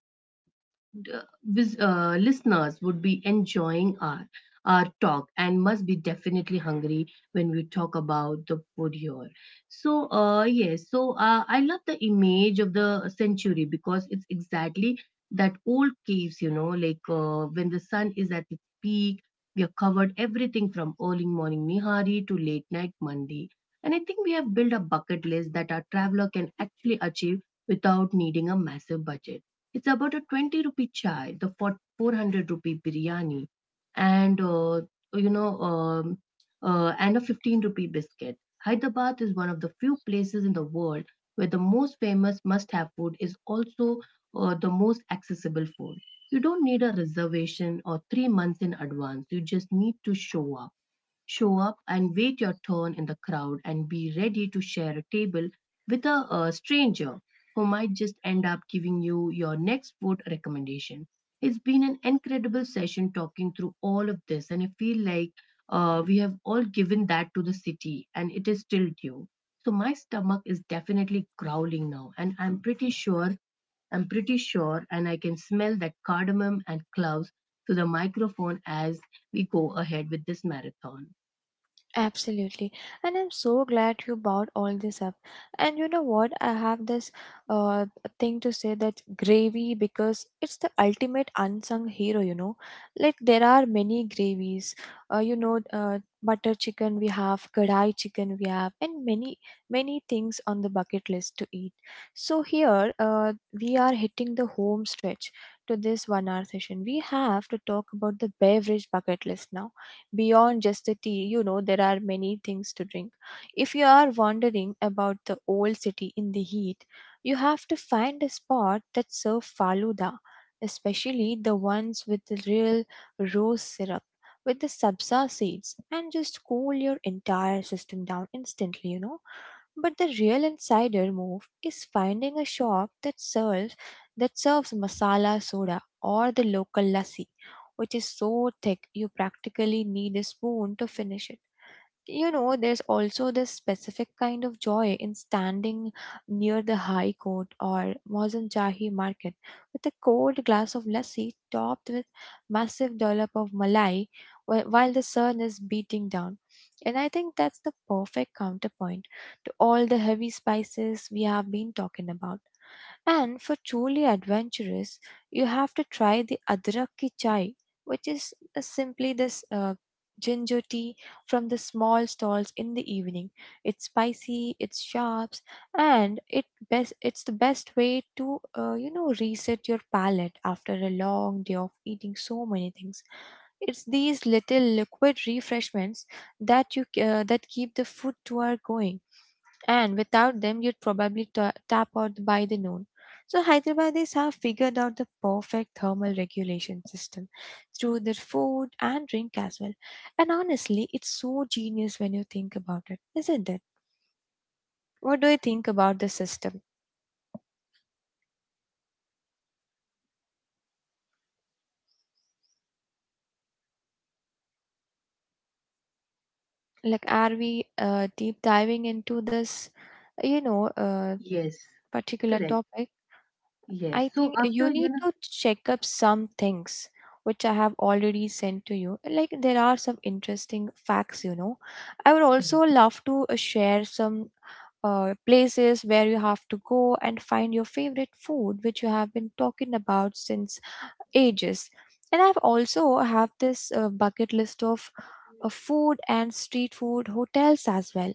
Speaker 1: uh, listeners would be enjoying our talk and must be definitely hungry when we talk about the food here. So, yes, so I love the image of the century because it's exactly that old caves, you know, like when the sun is at its peak, we have covered everything from early morning Nihari to late night Mandi. And I think we have built a bucket list that our traveler can actually achieve without needing a massive budget. It's about a 20 rupee chai, the 400 rupee biryani, and you know, um, and a 15 rupee biscuit. Hyderabad is one of the few places in the world where the most famous must have food is also the most accessible food. You don't need a reservation or 3 months in advance. You just need to show up. Show up and wait your turn in the crowd and be ready to share a table with a stranger who might just end up giving you your next food recommendation. It's been an incredible session talking through all of this, and I feel like we have all given that to the city and it is still due. So, my stomach is definitely growling now, and I'm pretty sure, and I can smell that cardamom and cloves through the microphone as we go ahead with this marathon.
Speaker 2: Absolutely. And I'm so glad you brought all this up. And you know what? I have this uh thing to say that gravy because it's the ultimate unsung hero, you know. Like there are many gravies. Uh, you know, uh, Butter chicken we have, kadai chicken we have, and many things on the bucket list to eat. So here, we are hitting the home stretch to this 1 hour session. We have to talk about the beverage bucket list now. Beyond just the tea, you know, there are many things to drink. If you are wandering about the old city in the heat, you have to find a spot that serves faluda, especially the ones with the real rose syrup with the sabza seeds, and just cool your entire system down instantly, you know. But the real insider move is finding a shop that serves masala soda or the local lassi, which is so thick you practically need a spoon to finish it. You know, there's also this specific kind of joy in standing near the High Court or Mauzam Jahi market with a cold glass of lassi topped with massive dollop of malai while the sun is beating down. And I think that's the perfect counterpoint to all the heavy spices we have been talking about. And for truly adventurous, you have to try the Adrak ki chai, which is simply this ginger tea from the small stalls in the evening. It's spicy, it's sharp, and it's the best way to reset your palate after a long day of eating so many things. It's these little liquid refreshments that you that keep the food tour going, and without them you'd probably ta tap out by the noon. So Hyderabadis have figured out the perfect thermal regulation system through their food and drink as well. And honestly, it's so genius when you think about it, isn't it? What do you think about the system? Like, are we deep diving into this, you know, uh,
Speaker 1: Yes,
Speaker 2: particular
Speaker 1: correct.
Speaker 2: topic?
Speaker 1: Yes.
Speaker 2: I
Speaker 1: So
Speaker 2: think you
Speaker 1: after, you
Speaker 2: need
Speaker 1: know,
Speaker 2: to check up some things which I have already sent to you. Like there are some interesting facts, you know. I would also
Speaker 1: correct.
Speaker 2: love to share some places where you have to go and find your favorite food, which you have been talking about since ages. And I've also have this bucket list of food and street food hotels as well.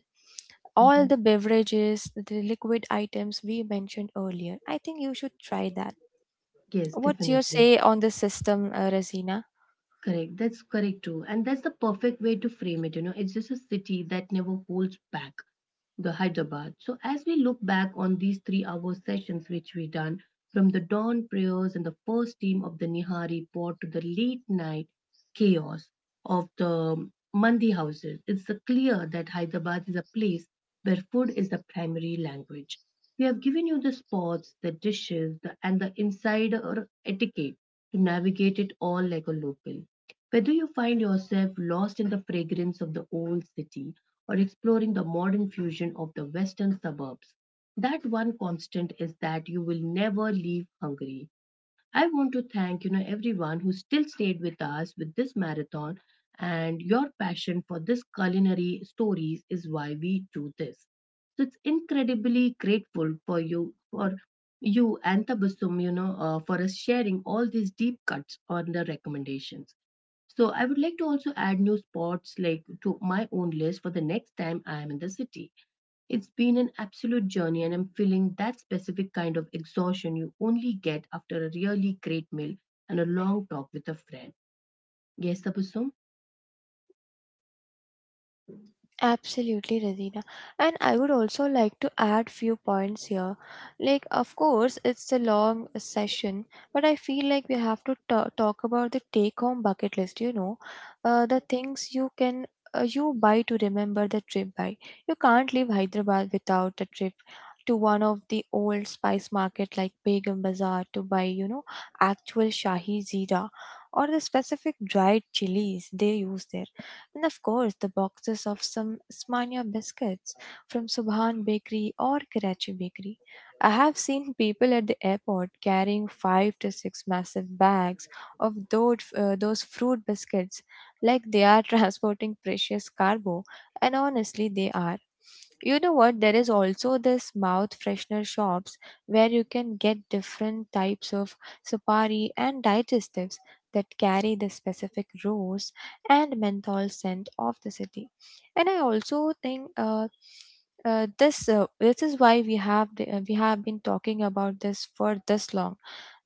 Speaker 2: All
Speaker 1: Mhm.
Speaker 2: the beverages, the liquid items we mentioned earlier. I think you should try that.
Speaker 1: Yes,
Speaker 2: What's your
Speaker 1: definitely.
Speaker 2: say on this system, Razina?
Speaker 1: Correct. That's correct too. And that's the perfect way to frame it. You know, it's just a city that never holds back. The Hyderabad. So as we look back on these 3 hour sessions which we done, from the dawn prayers and the first team of the Nihari port to the late night chaos of the Mandi houses, it's clear that Hyderabad is a place where food is the primary language. We have given you the spots, the dishes, and the insider etiquette to navigate it all like a local. Whether you find yourself lost in the fragrance of the old city or exploring the modern fusion of the western suburbs, that one constant is that you will never leave Hungary. I want to thank you know everyone who still stayed with us with this marathon and your passion for this culinary stories is why we do this. So it's incredibly grateful for you and Tabassum, you know, for us sharing all these deep cuts on the recommendations. So I would like to also add new spots like to my own list for the next time I am in the city. It's been an absolute journey and I'm feeling that specific kind of exhaustion you only get after a really great meal and a long talk with a friend. Yes, Tabasum?
Speaker 2: Absolutely, Razina. And I would also like to add few points here. Like, of course, it's a long session, but I feel like we have to talk about the take-home bucket list. You know, the things you buy to remember the trip by. You can't leave Hyderabad without a trip to one of the old spice market like Begum Bazaar to buy, you know, actual Shahi Zira or the specific dried chilies they use there, and of course the boxes of some Smania biscuits from Subhan Bakery or Karachi Bakery. I have seen people at the airport carrying 5 to 6 massive bags of those fruit biscuits like they are transporting precious cargo, and honestly, they are. You know what? There is also this mouth freshener shops where you can get different types of supari and digestives that carry the specific rows and menthol scent of the city. And I also think this is why we have been talking about this for this long.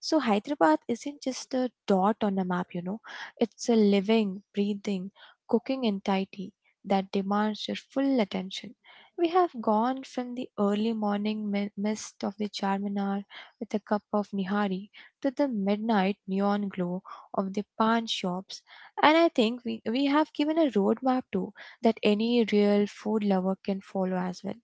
Speaker 2: So Hyderabad isn't just a dot on a map, you know. It's a living, breathing, cooking entity that demands your full attention. We have gone from the early morning mist of the Charminar with a cup of nihari to the midnight neon glow of the pan shops, and I think we have given a roadmap too that any real food lover can follow as well.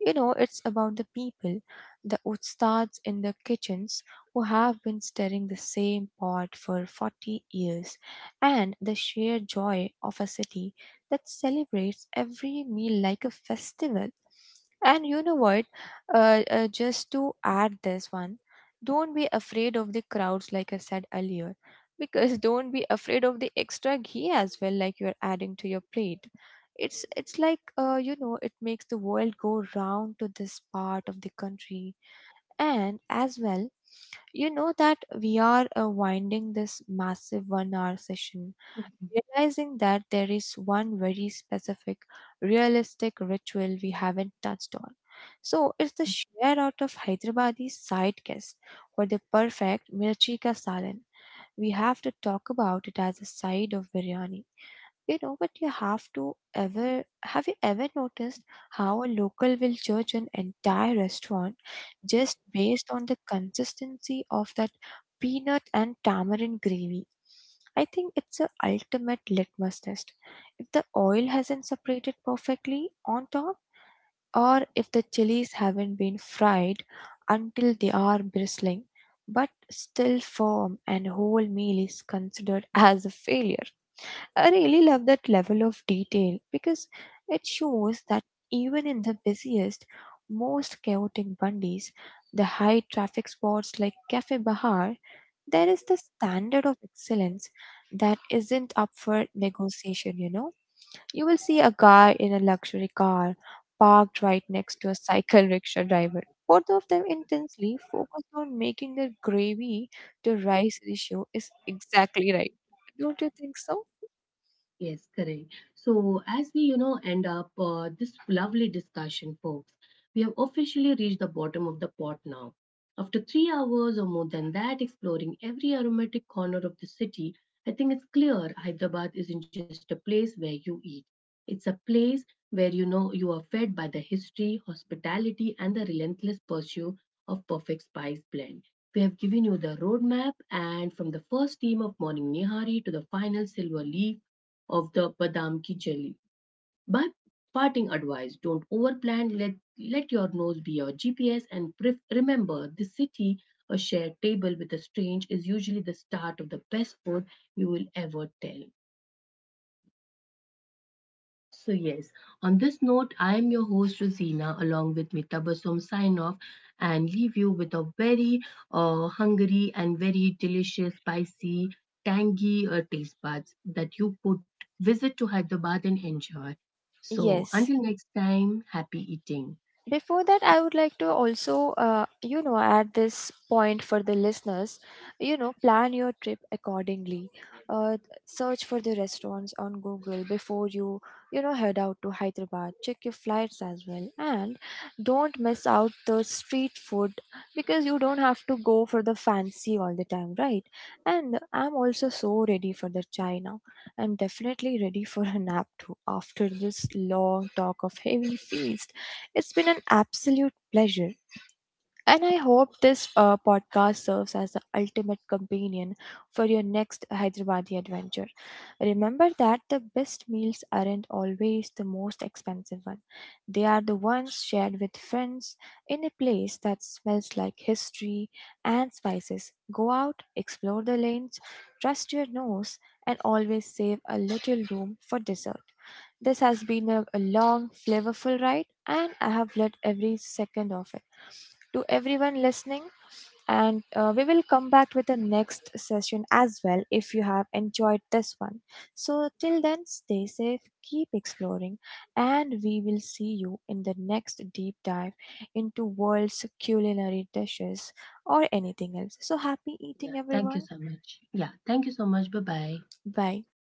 Speaker 2: You know, it's about the people, the ustads in the kitchens who have been stirring the same pot for 40 years, and the sheer joy of a city that celebrates every meal like a festival. And you know what? Just to add this one, don't be afraid of the crowds, like I said earlier, because don't be afraid of the extra ghee as well, like you're adding to your plate. It's like you know, it makes the world go round to this part of the country, and as well, you know that we are winding this massive 1-hour session, realizing that there is one very specific, realistic ritual we haven't touched on. So it's the share out of Hyderabadi side guest for the perfect mirchi ka salan. We have to talk about it as a side of biryani. You know, but you have to ever have you ever noticed how a local will judge an entire restaurant just based on the consistency of that peanut and tamarind gravy? I think it's a ultimate litmus test. If the oil hasn't separated perfectly on top, or if the chilies haven't been fried until they are bristling, but still firm, and whole meal is considered as a failure. I really love that level of detail because it shows that even in the busiest, most chaotic Bundis, the high traffic spots like Cafe Bahar, there is the standard of excellence that isn't up for negotiation, you know? You will see a guy in a luxury car parked right next to a cycle rickshaw driver. Both of them intensely focused on making their gravy to rice ratio is exactly right. Don't you think so?
Speaker 1: Yes, correct. So, as we, you know, end up this lovely discussion, folks, we have officially reached the bottom of the pot now. After 3 hours or more than that, exploring every aromatic corner of the city, I think it's clear Hyderabad isn't just a place where you eat. It's a place where you know you are fed by the history, hospitality, and the relentless pursuit of perfect spice blend. We have given you the roadmap, and from the first team of Morning Nihari to the final silver leaf of the badam ki jelly. But parting advice, don't overplan, let your nose be your GPS and remember this city, a shared table with a strange is usually the start of the best food you will ever tell. So, yes, on this note, I am your host, Rosina, along with me, Tabasum, sign off and leave you with a very hungry and very delicious, spicy, tangy taste buds that you could visit to Hyderabad and enjoy. So,
Speaker 2: Yes.
Speaker 1: until next time, happy eating.
Speaker 2: Before that, I would like to also, you know, add this point for the listeners. You know, plan your trip accordingly. Uh, Search for the restaurants on Google before you, you know, head out to Hyderabad. Check your flights as well, and don't miss out the street food because you don't have to go for the fancy all the time, right? And I'm also so ready for the chai now. I'm definitely ready for a nap too after this long talk of heavy feast. It's been an absolute pleasure. And I hope this podcast serves as the ultimate companion for your next Hyderabadi adventure. Remember that the best meals aren't always the most expensive one. They are the ones shared with friends in a place that smells like history and spices. Go out, explore the lanes, trust your nose, and always save a little room for dessert. This has been a long, flavorful ride, and I have loved every second of it. To everyone listening, And we will come back with the next session as well if you have enjoyed this one. So, till then, stay safe, keep exploring, and we will see you in the next deep dive into world's culinary dishes or anything else. So, happy
Speaker 1: Yeah,
Speaker 2: eating,
Speaker 1: thank
Speaker 2: everyone.
Speaker 1: you so much. Yeah, thank you so much. Bye bye.
Speaker 2: Bye.